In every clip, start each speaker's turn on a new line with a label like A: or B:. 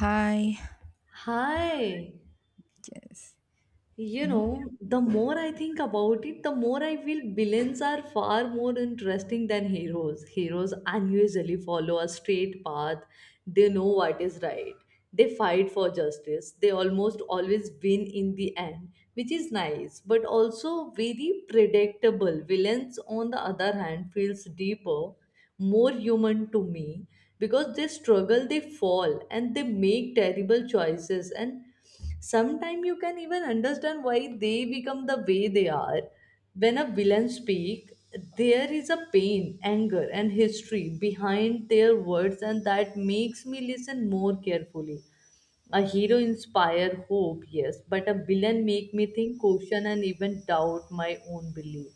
A: Hi.
B: Hi.
A: Yes.
B: You
A: Hmm?
B: know, the more I think about it, the more I feel villains are far more interesting than heroes. Heroes unusually follow a straight path, they know what is right, they fight for justice, they almost always win in the end, which is nice but also very predictable. Villains, on the other hand, feels deeper, more human to me because they struggle, they fall, and they make terrible choices and sometimes you can even understand why they become the way they are. When a villain speak, there is a pain, anger, and history behind their words, and that makes me listen more carefully. A hero inspire hope, yes, but a villain make me think, question, and even doubt my own belief.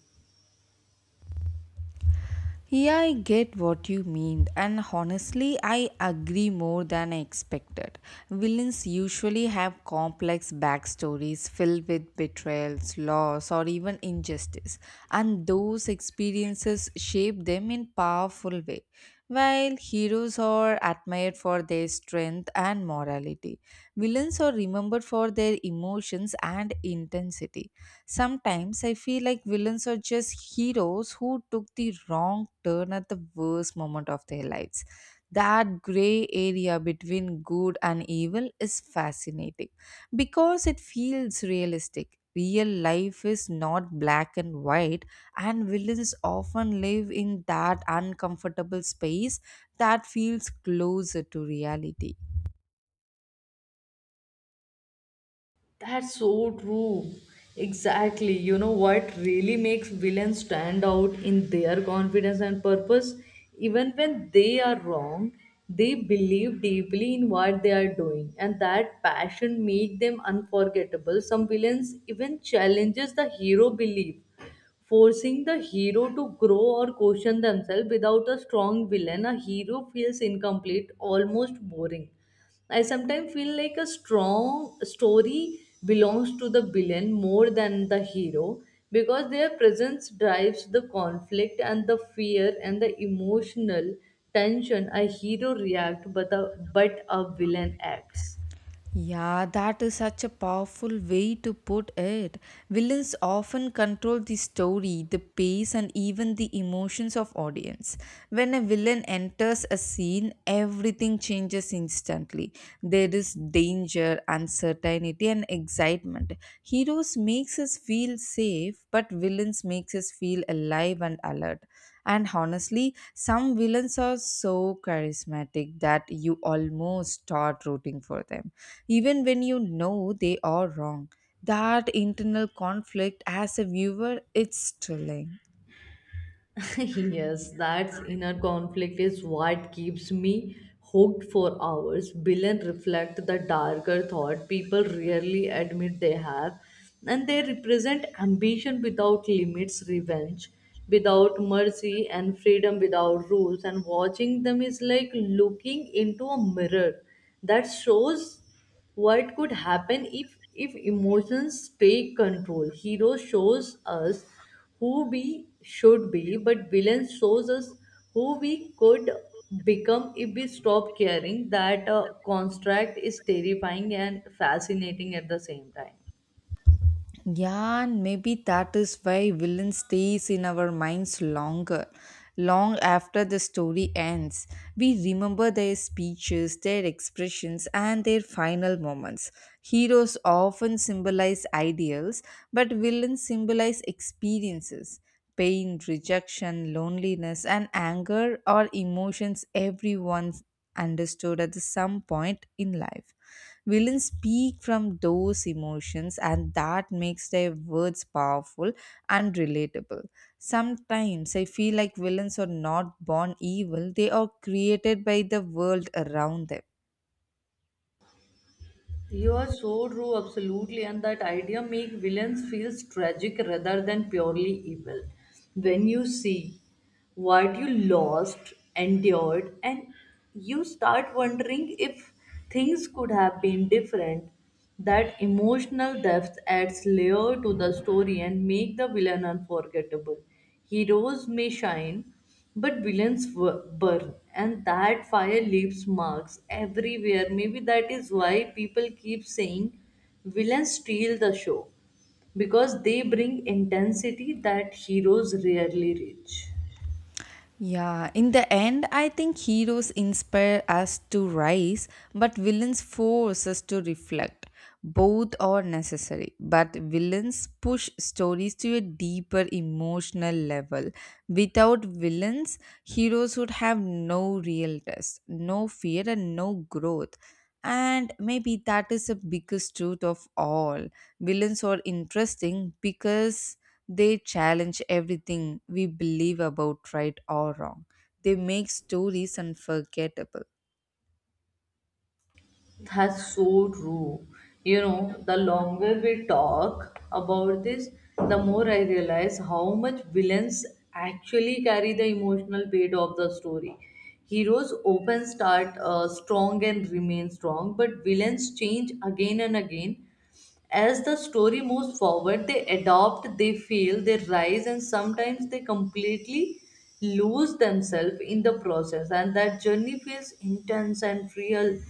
A: Yeah, I get what you mean, and honestly, I agree more than I expected. Villains usually have complex backstories filled with betrayals, loss, or even injustice, and those experiences shape them in powerful way. While heroes are admired for their strength and morality, villains are remembered for their emotions and intensity. Sometimes I feel like villains are just heroes who took the wrong turn at the worst moment of their lives. That gray area between good and evil is fascinating because it feels realistic. Real life is not black and white, and villains often live in that uncomfortable space that feels closer to reality.
B: That's so true. Exactly. You know what really makes villains stand out in their confidence and purpose? Even when they are wrong, they believe deeply in what they are doing, and that passion makes them unforgettable. Some villains even challenges the hero belief, forcing the hero to grow or question themselves without a strong villain. A hero feels incomplete, almost boring. I sometimes feel like a strong story belongs to the villain more than the hero because their presence drives the conflict and the fear and the emotional tension. A hero reacts, but a villain acts.
A: Yeah, that is such a powerful way to put it. Villains often control the story, the pace, and even the emotions of audience. When a villain enters a scene, everything changes instantly. There is danger, uncertainty, and excitement. Heroes makes us feel safe, but villains makes us feel alive and alert. And honestly, some villains are so charismatic that you almost start rooting for them, even when you know they are wrong. That internal conflict as a viewer, it's thrilling.
B: Yes, that inner conflict is what keeps me hooked for hours. Villain reflect the darker thought people rarely admit they have, and they represent ambition without limits, revenge without mercy, and freedom without rules. And watching them is like looking into a mirror that shows what could happen if emotions take control. Hero shows us who we should be, but villain shows us who we could become if we stop caring. That construct is terrifying and fascinating at the same time.
A: Yeah, and maybe that is why villain stays in our minds longer. Long after the story ends, we remember their speeches, their expressions, and their final moments. Heroes often symbolize ideals, but villains symbolize experiences pain, rejection, loneliness, and anger are emotions everyone understood at the some point in life. Villains speak from those emotions, and that makes their words powerful and relatable. Sometimes I feel like villains are not born evil, they are created by the world around them.
B: You are so true, absolutely, and that idea make villains feels tragic rather than purely evil. When you see what you lost, endured, and you start wondering if things could have been different, that emotional depth adds layer to the story and make the villain unforgettable. Heroes may shine, but villains burn, and that fire leaves marks everywhere. Maybe that is why people keep saying villains steal the show because they bring intensity that heroes rarely reach.
A: Yeah, in the end, I think heroes inspire us to rise, but villains force us to reflect. Both are necessary, but villains push stories to a deeper emotional level. Without villains, heroes would have no real test, no fear, and no growth. And maybe that is the biggest truth of all. Villains are interesting because they challenge everything we believe about right or wrong. They make stories unforgettable.
B: That's so true. You know, the longer we talk about this, the more I realize how much villains actually carry the emotional weight of the story. Heroes often start strong and remain strong, but villains change again and again as the story moves forward. They adopt, they fail, they rise, and sometimes they completely lose themselves in the process. And that journey feels intense and real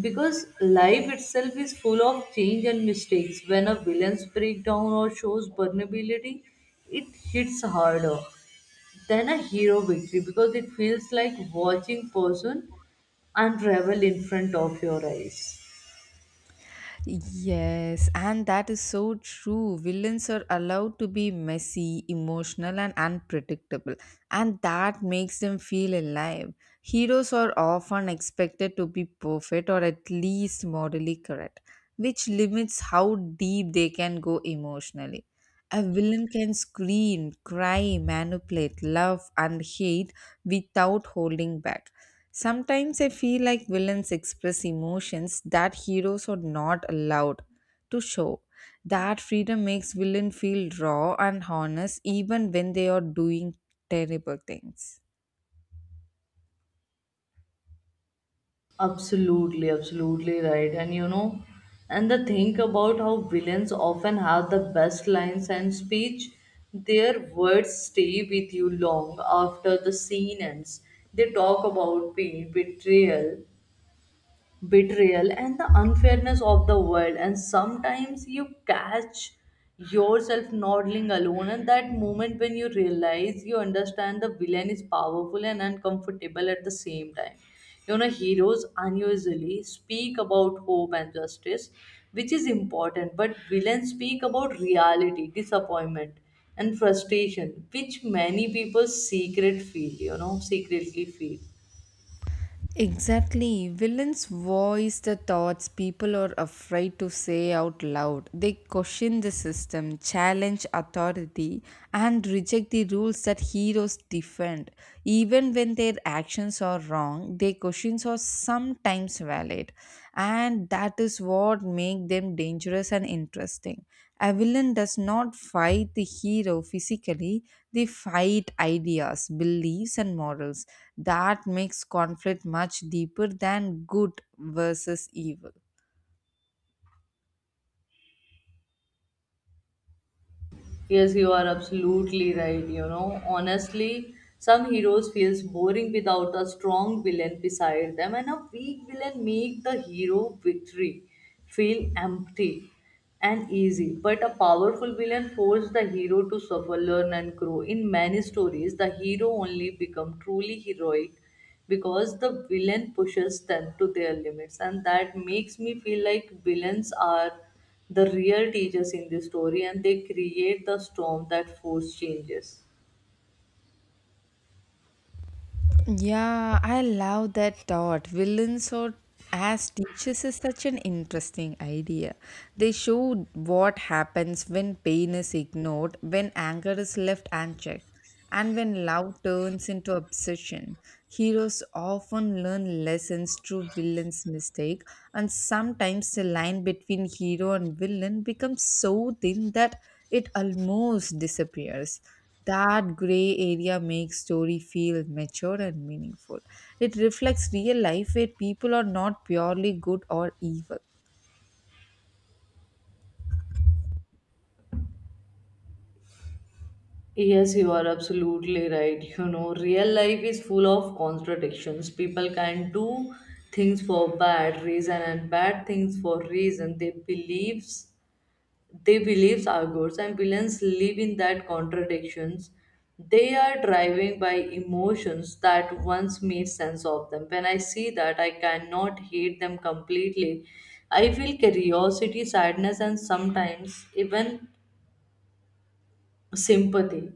B: because life itself is full of change and mistakes. When a villain's breakdown or shows vulnerability, it hits harder than a hero victory because it feels like watching person unravel in front of your eyes.
A: Yes, and that is so true. Villains are allowed to be messy, emotional, and unpredictable, and that makes them feel alive. Heroes are often expected to be perfect or at least morally correct, which limits how deep they can go emotionally. A villain can scream, cry, manipulate, love, and hate without holding back. Sometimes I feel like villains express emotions that heroes are not allowed to show. That freedom makes villain feel raw and honest even when they are doing terrible things.
B: Absolutely, absolutely right. And you know, and the thing about how villains often have the best lines and speech, their words stay with you long after the scene ends. They talk about pain, betrayal and the unfairness of the world. And sometimes you catch yourself nodding alone, and that moment when you realize you understand the villain is powerful and uncomfortable at the same time. You know, heroes unusually speak about hope and justice, which is important, but villains speak about reality, disappointment, and frustration, which many people secret feel, secretly feel.
A: Exactly. Villains voice the thoughts people are afraid to say out loud. They question the system, challenge authority, and reject the rules that heroes defend. Even when their actions are wrong, their questions are sometimes valid. And that is what makes them dangerous and interesting. A villain does not fight the hero physically, they fight ideas, beliefs, and morals. That makes conflict much deeper than good versus evil.
B: Yes, you are absolutely right. You know, honestly, some heroes feels boring without a strong villain beside them, and a weak villain make the hero victory feel empty and easy. But a powerful villain forces the hero to suffer, learn, and grow. In many stories, the hero only become truly heroic because the villain pushes them to their limits, and that makes me feel like villains are the real teachers in the story, and they create the storm that force changes.
A: Yeah, I love that thought. Villains or as teachers is such an interesting idea. They show what happens when pain is ignored, when anger is left unchecked, and when love turns into obsession. Heroes often learn lessons through villains' mistake, and sometimes the line between hero and villain becomes so thin that it almost disappears. That gray area makes story feel mature and meaningful. It reflects real life where people are not purely good or evil.
B: Yes, you are absolutely right. You know, real life is full of contradictions. People can do things for bad reason and bad things for reason. They believes. They beliefs our goals, and villains live in that contradictions. They are driving by emotions that once made sense of them. When I see that, I cannot hate them completely. I feel curiosity, sadness, and sometimes even sympathy.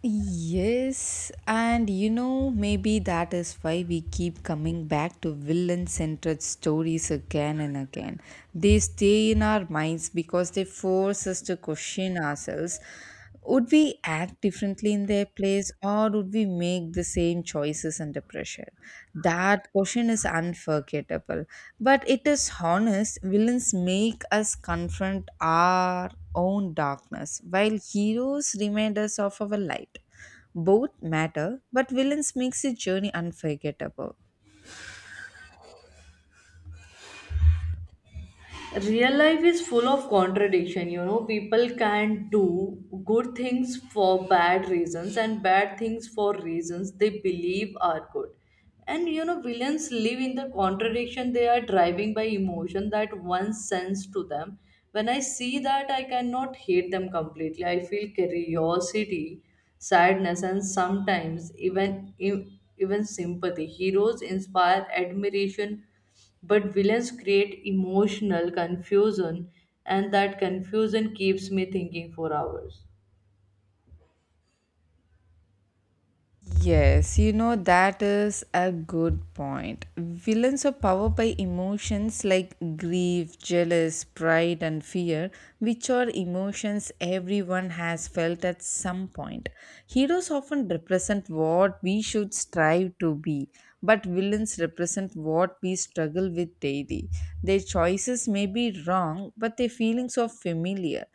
A: Yes, and you know, maybe that is why we keep coming back to villain centered stories again and again. They stay in our minds because they force us to question ourselves. Would we act differently in their place, or would we make the same choices under pressure? That question is unforgettable, but it is honest. Villains make us confront our own darkness, while heroes remind us of our light. Both matter, but villains makes the journey unforgettable.
B: Real life is full of contradiction. You know, people can do good things for bad reasons and bad things for reasons they believe are good. And you know, villains live in the contradiction. They are driving by emotion that once sense to them. When I see that, I cannot hate them completely. I feel curiosity, sadness, and sometimes even sympathy. Heroes inspire admiration, but villains create emotional confusion, and that confusion keeps me thinking for hours.
A: Yes, you know, that is a good point. Villains are powered by emotions like grief, jealous, pride, and fear, which are emotions everyone has felt at some point. Heroes often represent what we should strive to be, but villains represent what we struggle with daily. Their choices may be wrong, but their feelings are familiar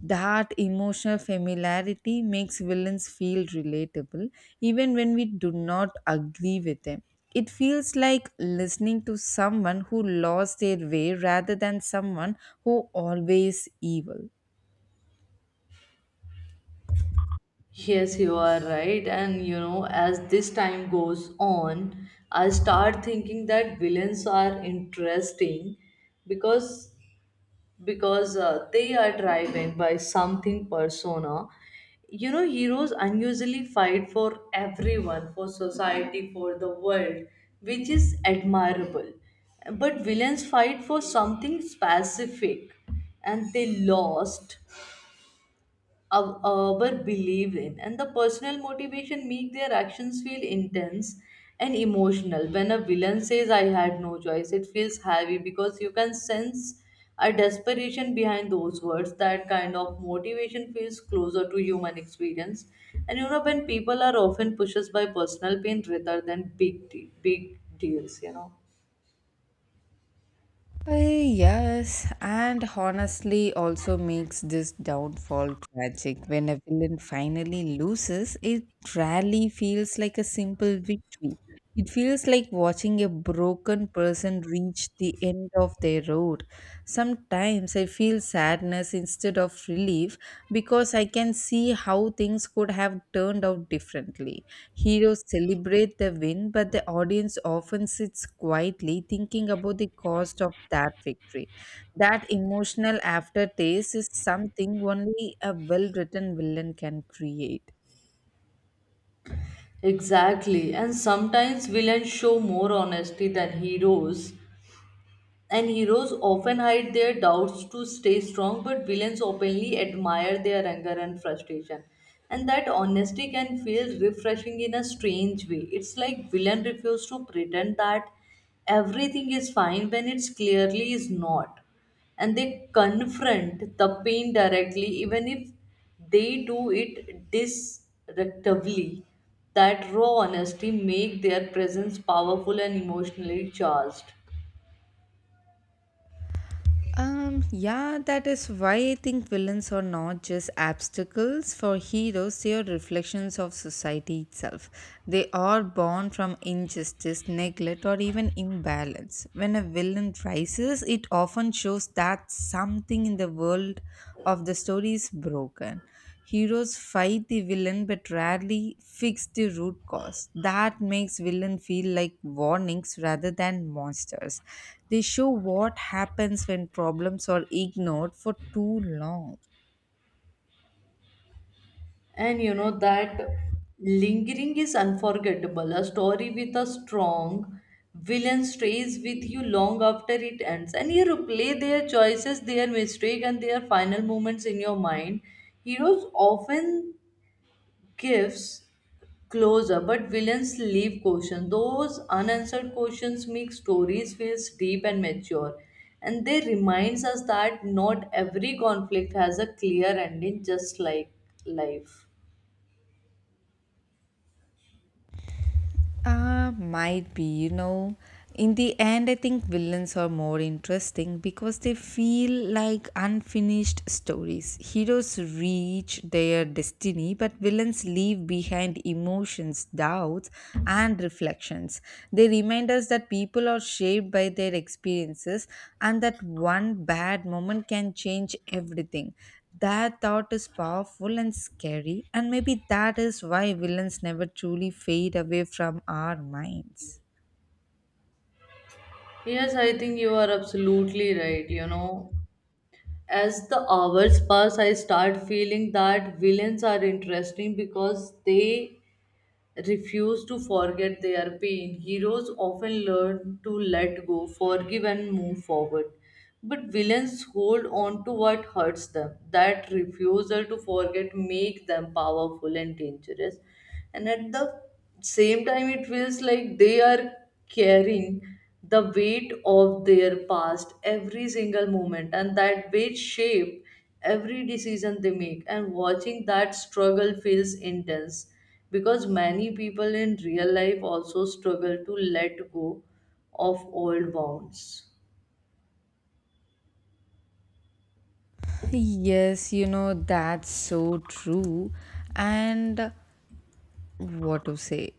A: that emotional familiarity makes villains feel relatable even when we do not agree with them. It feels like listening to someone who lost their way rather than someone who always evil.
B: Yes, you are right. And you know, as this time goes on, I start thinking that villains are interesting because they are driven by something persona. You know, heroes unusually fight for everyone, for society, for the world, which is admirable, but villains fight for something specific, and they lost our believe in. And the personal motivation make their actions feel intense and emotional. When a villain says, "I had no choice," it feels heavy because you can sense a desperation behind those words. That kind of motivation feels closer to human experience. And you know, when people are often pushed by personal pain rather than big deals, you know.
A: Yes, and honestly, also makes this downfall tragic. When a villain finally loses, it rarely feels like a simple victory. It feels like watching a broken person reach the end of their road. Sometimes I feel sadness instead of relief because I can see how things could have turned out differently. Heroes celebrate the win, but the audience often sits quietly thinking about the cost of that victory. That emotional aftertaste is something only a well written villain can create.
B: Exactly, and sometimes villains show more honesty than heroes. And heroes often hide their doubts to stay strong, but villains openly admire their anger and frustration. And that honesty can feel refreshing in a strange way. It's like villain refuse to pretend that everything is fine when it's clearly is not. And they confront the pain directly, even if they do it disrespectfully. That raw honesty make their presence powerful and emotionally charged.
A: Yeah, that is why I think villains are not just obstacles for heroes, they are reflections of society itself. They are born from injustice, neglect, or even imbalance. When a villain rises, it often shows that something in the world of the story is broken. Heroes fight the villain but rarely fix the root cause. That makes villain feel like warnings rather than monsters. They show what happens when problems are ignored for too long.
B: And you know that lingering is unforgettable. A story with a strong villain stays with you long after it ends. And you replay their choices, their mistake, and their final moments in your mind. Heroes often gives closure, but villains leave questions. Those unanswered questions make stories feel deep and mature. And they reminds us that not every conflict has a clear ending, just like life.
A: Might be, you know. In the end, I think villains are more interesting because they feel like unfinished stories. Heroes reach their destiny, but villains leave behind emotions, doubts, and reflections actions. They remind us that people are shaped by their experiences and that one bad moment can change everything. That thought is powerful and scary, and maybe that is why villains never truly fade away from our minds.
B: Yes, I think you are absolutely right. You know, as the hours pass, I start feeling that villains are interesting because they refuse to forget their pain. Heroes often learn to let go, forgive, and move forward. But villains hold on to what hurts them. That refusal to forget makes them powerful and dangerous. And at the same time, it feels like they are carrying the weight of their past every single moment, and that weight shape every decision they make. And watching that struggle feels intense because many people in real life also struggle to let go of old bonds.
A: Yes, you know, that's so true. And what to say?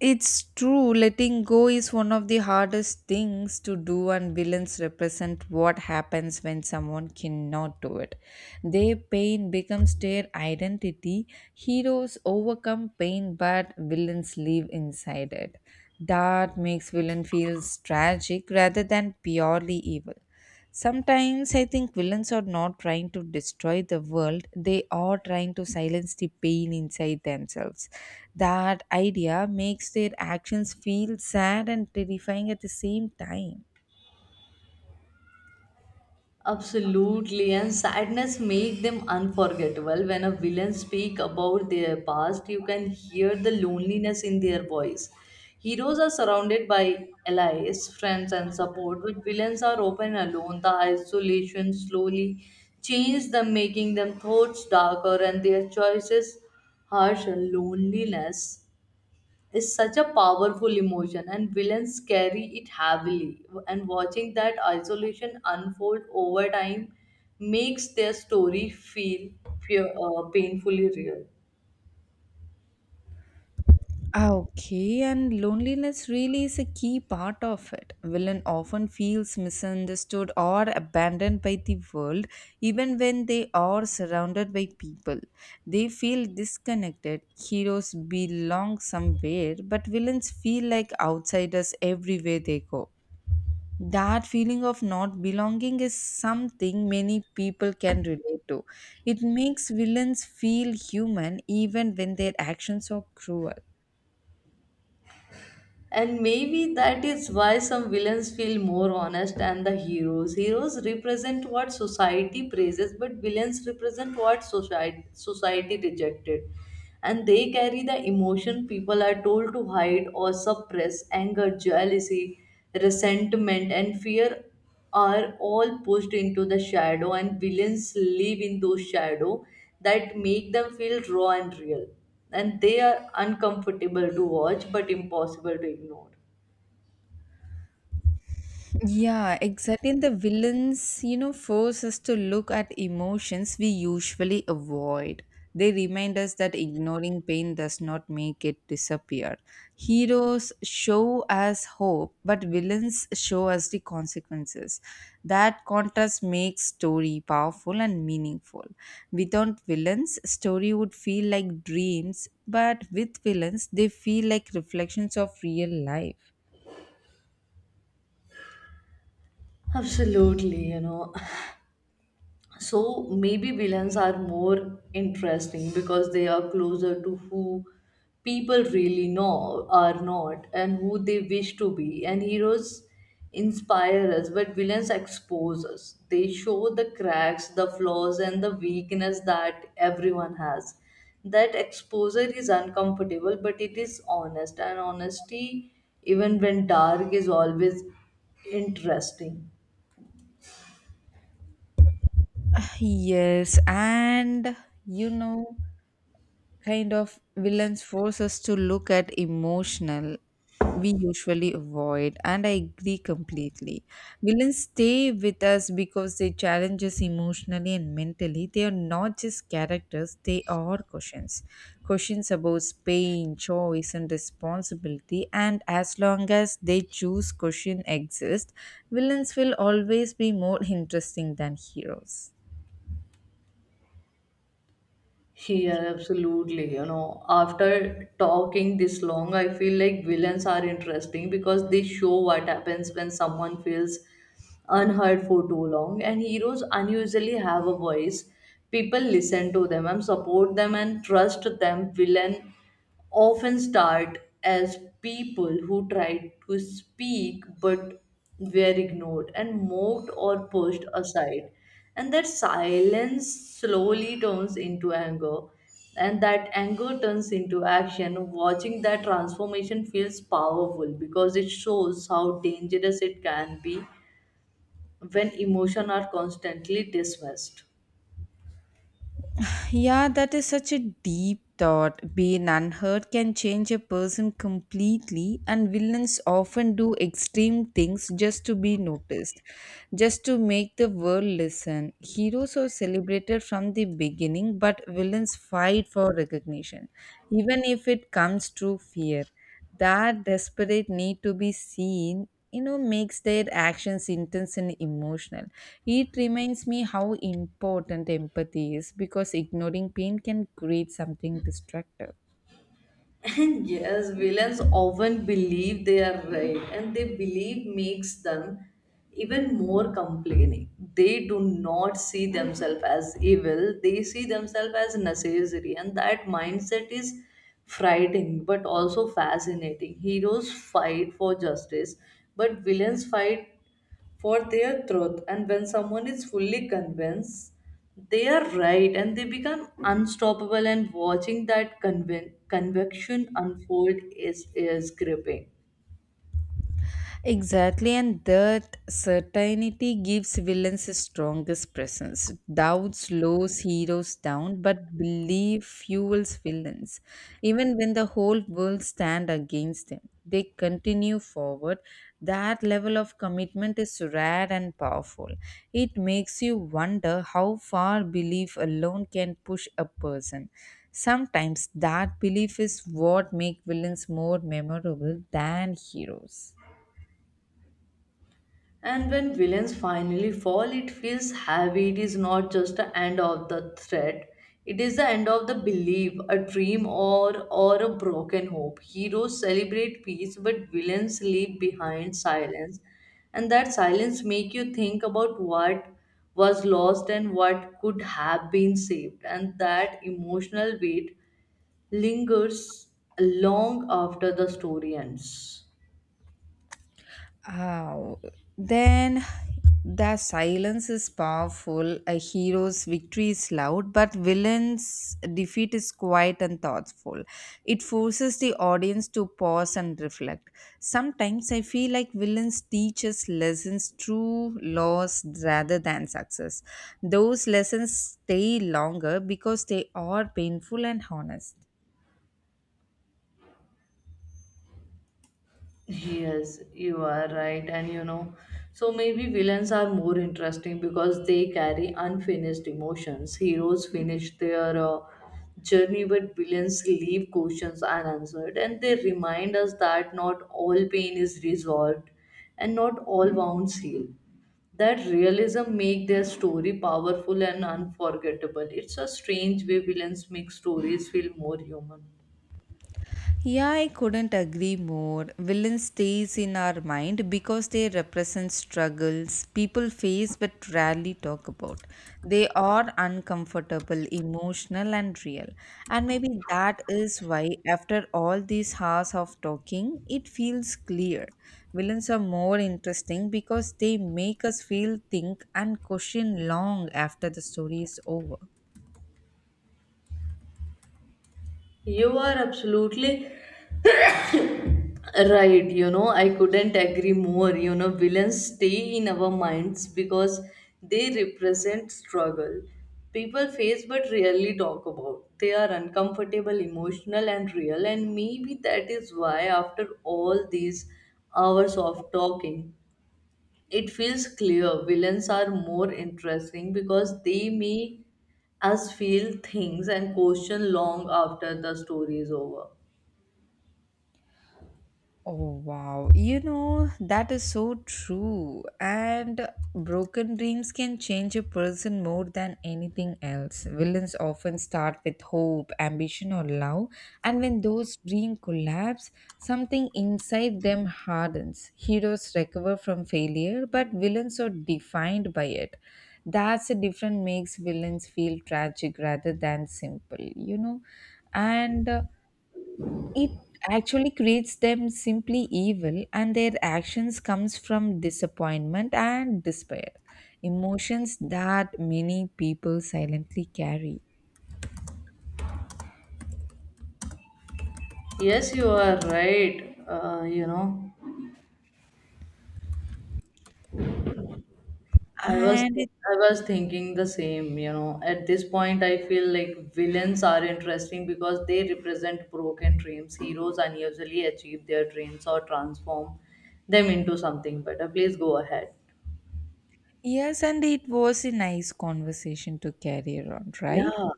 A: It's true, letting go is one of the hardest things to do, and villains represent what happens when someone cannot do it. Their pain becomes their identity. Heroes overcome pain, but villains live inside it. That makes villain feels tragic rather than purely evil. Sometimes I think villains are not trying to destroy the world, they are trying to silence the pain inside themselves. That idea makes their actions feel sad and terrifying at the same time.
B: Absolutely, and sadness make them unforgettable. When a villain speak about their past, you can hear the loneliness in their voice. Heroes are surrounded by allies, friends, and support, but villains are often alone. The isolation slowly changes them, making them thoughts darker and their choices harsher. Loneliness is such a powerful emotion, and villains carry it heavily. And watching that isolation unfold over time makes their story feel fear, painfully real.
A: Ah, okay, and loneliness really is a key part of it. Villain often feels misunderstood or abandoned by the world, even when they are surrounded by people. They feel disconnected. Heroes belong somewhere, but villains feel like outsiders everywhere they go. That feeling of not belonging is something many people can relate to. It makes villains feel human even when their actions are cruel.
B: And maybe that is why some villains feel more honest than the heroes. Heroes represent what society praises, but villains represent what society rejected. And they carry the emotion people are told to hide or suppress. Anger, jealousy, resentment, and fear are all pushed into the shadow, and villains live in those shadow. That make them feel raw and real, and they are uncomfortable to watch but impossible to ignore.
A: Yeah, exactly. And the villains, you know, force us to look at emotions we usually avoid. They remind us that ignoring pain does not make it disappear. Heroes show us hope, but villains show us the consequences. That contrast makes story powerful and meaningful. Without villains, story would feel like dreams, but with villains, they feel like reflections of real life.
B: Absolutely, you know. So maybe villains are more interesting because they are closer to who people really know are not and who they wish to be. And heroes inspire us, but villains expose us. They show the cracks, the flaws, and the weakness that everyone has. That exposure is uncomfortable, but it is honest, and honesty, even when dark, is always interesting.
A: Yes, and you know, kind of villains force us to look at emotional we usually avoid, and I agree completely. Villains stay with us because they challenge us emotionally and mentally. They are not just characters, they are questions, questions about pain, choice, and responsibility, and as long as they choose question exist, villains will always be more interesting than heroes.
B: Yeah, absolutely. You know, after talking this long, I feel like villains are interesting because they show what happens when someone feels unheard for too long, and heroes unusually have a voice. People listen to them and support them and trust them. Villain often start as people who tried to speak but were ignored and mocked or pushed aside. And that silence slowly turns into anger, and that anger turns into action. Watching that transformation feels powerful because it shows how dangerous it can be when emotions are constantly dismissed.
A: Yeah, that is such a deep thought. Being unheard can change a person completely, and villains often do extreme things just to be noticed, just to make the world listen. Heroes are celebrated from the beginning, but villains fight for recognition, even if it comes through fear. That desperate need to be seen, you know, makes their actions intense and emotional. It reminds me how important empathy is, because ignoring pain can create something destructive.
B: And yes, villains often believe they are right, and they believe makes them even more complaining. They do not see themselves as evil, they see themselves as necessary, and that mindset is frightening but also fascinating. Heroes fight for justice, but villains fight for their truth. And when someone is fully convinced they are right, and they become unstoppable. And watching that conviction unfold is gripping.
A: Exactly, and that certainty gives villains the strongest presence. Doubt slows heroes down, but belief fuels villains. Even when the whole world stand against them, they continue forward. That level of commitment is rare and powerful. It makes you wonder how far belief alone can push a person. Sometimes that belief is what makes villains more memorable than heroes.
B: And when villains finally fall, it feels heavy. It is not just the end of the threat. It is the end of the belief, a dream or a broken hope. Heroes celebrate peace, but villains leave behind silence. And that silence makes you think about what was lost and what could have been saved. And that emotional weight lingers long after the story ends.
A: Oh, then the silence is powerful. A hero's victory is loud, but villain's defeat is quiet and thoughtful. It forces the audience to pause and reflect. Sometimes I feel like villains teach us lessons through loss rather than success. Those lessons stay longer because they are painful and honest.
B: Yes, you are right. And you know, so maybe villains are more interesting because they carry unfinished emotions. Heroes finish their journey, but villains leave questions unanswered. And they remind us that not all pain is resolved and not all wounds heal. That realism make their story powerful and unforgettable. It's a strange way villains make stories feel more human.
A: Yeah, I couldn't agree more. Villain stays in our mind because they represent struggles people face but rarely talk about. They are uncomfortable, emotional, and real. And maybe that is why, after all these hours of talking, it feels clear. Villains are more interesting because they make us feel, think, and question long after the story is over.
B: You are absolutely right. You know, I couldn't agree more. You know, villains stay in our minds because they represent struggle people face but rarely talk about. They are uncomfortable, emotional, and real, and maybe that is why, after all these hours of talking, it feels clear villains are more interesting because they make us feel things and question long after the story is over.
A: Oh wow, you know, that is so true. And broken dreams can change a person more than anything else. Villains often start with hope, ambition, or love, and when those dreams collapse, something inside them hardens. Heroes recover from failure, but villains are defined by it. That's the difference makes villains feel tragic rather than simple, you know. And it actually creates them simply evil, and their actions comes from disappointment and despair, emotions that many people silently carry,
B: Yes, you are right. You know, I was
A: and
B: I was thinking the same. You know, at this point, I feel like villains are interesting because they represent broken dreams. Heroes unusually achieve their dreams or transform them into something better. Please go ahead.
A: yes, and it was a nice conversation to carry around, right?
B: Yeah,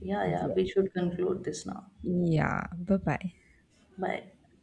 B: yeah, yeah.
A: Yeah,
B: We should conclude this now.
A: yeah, bye bye.
B: Bye.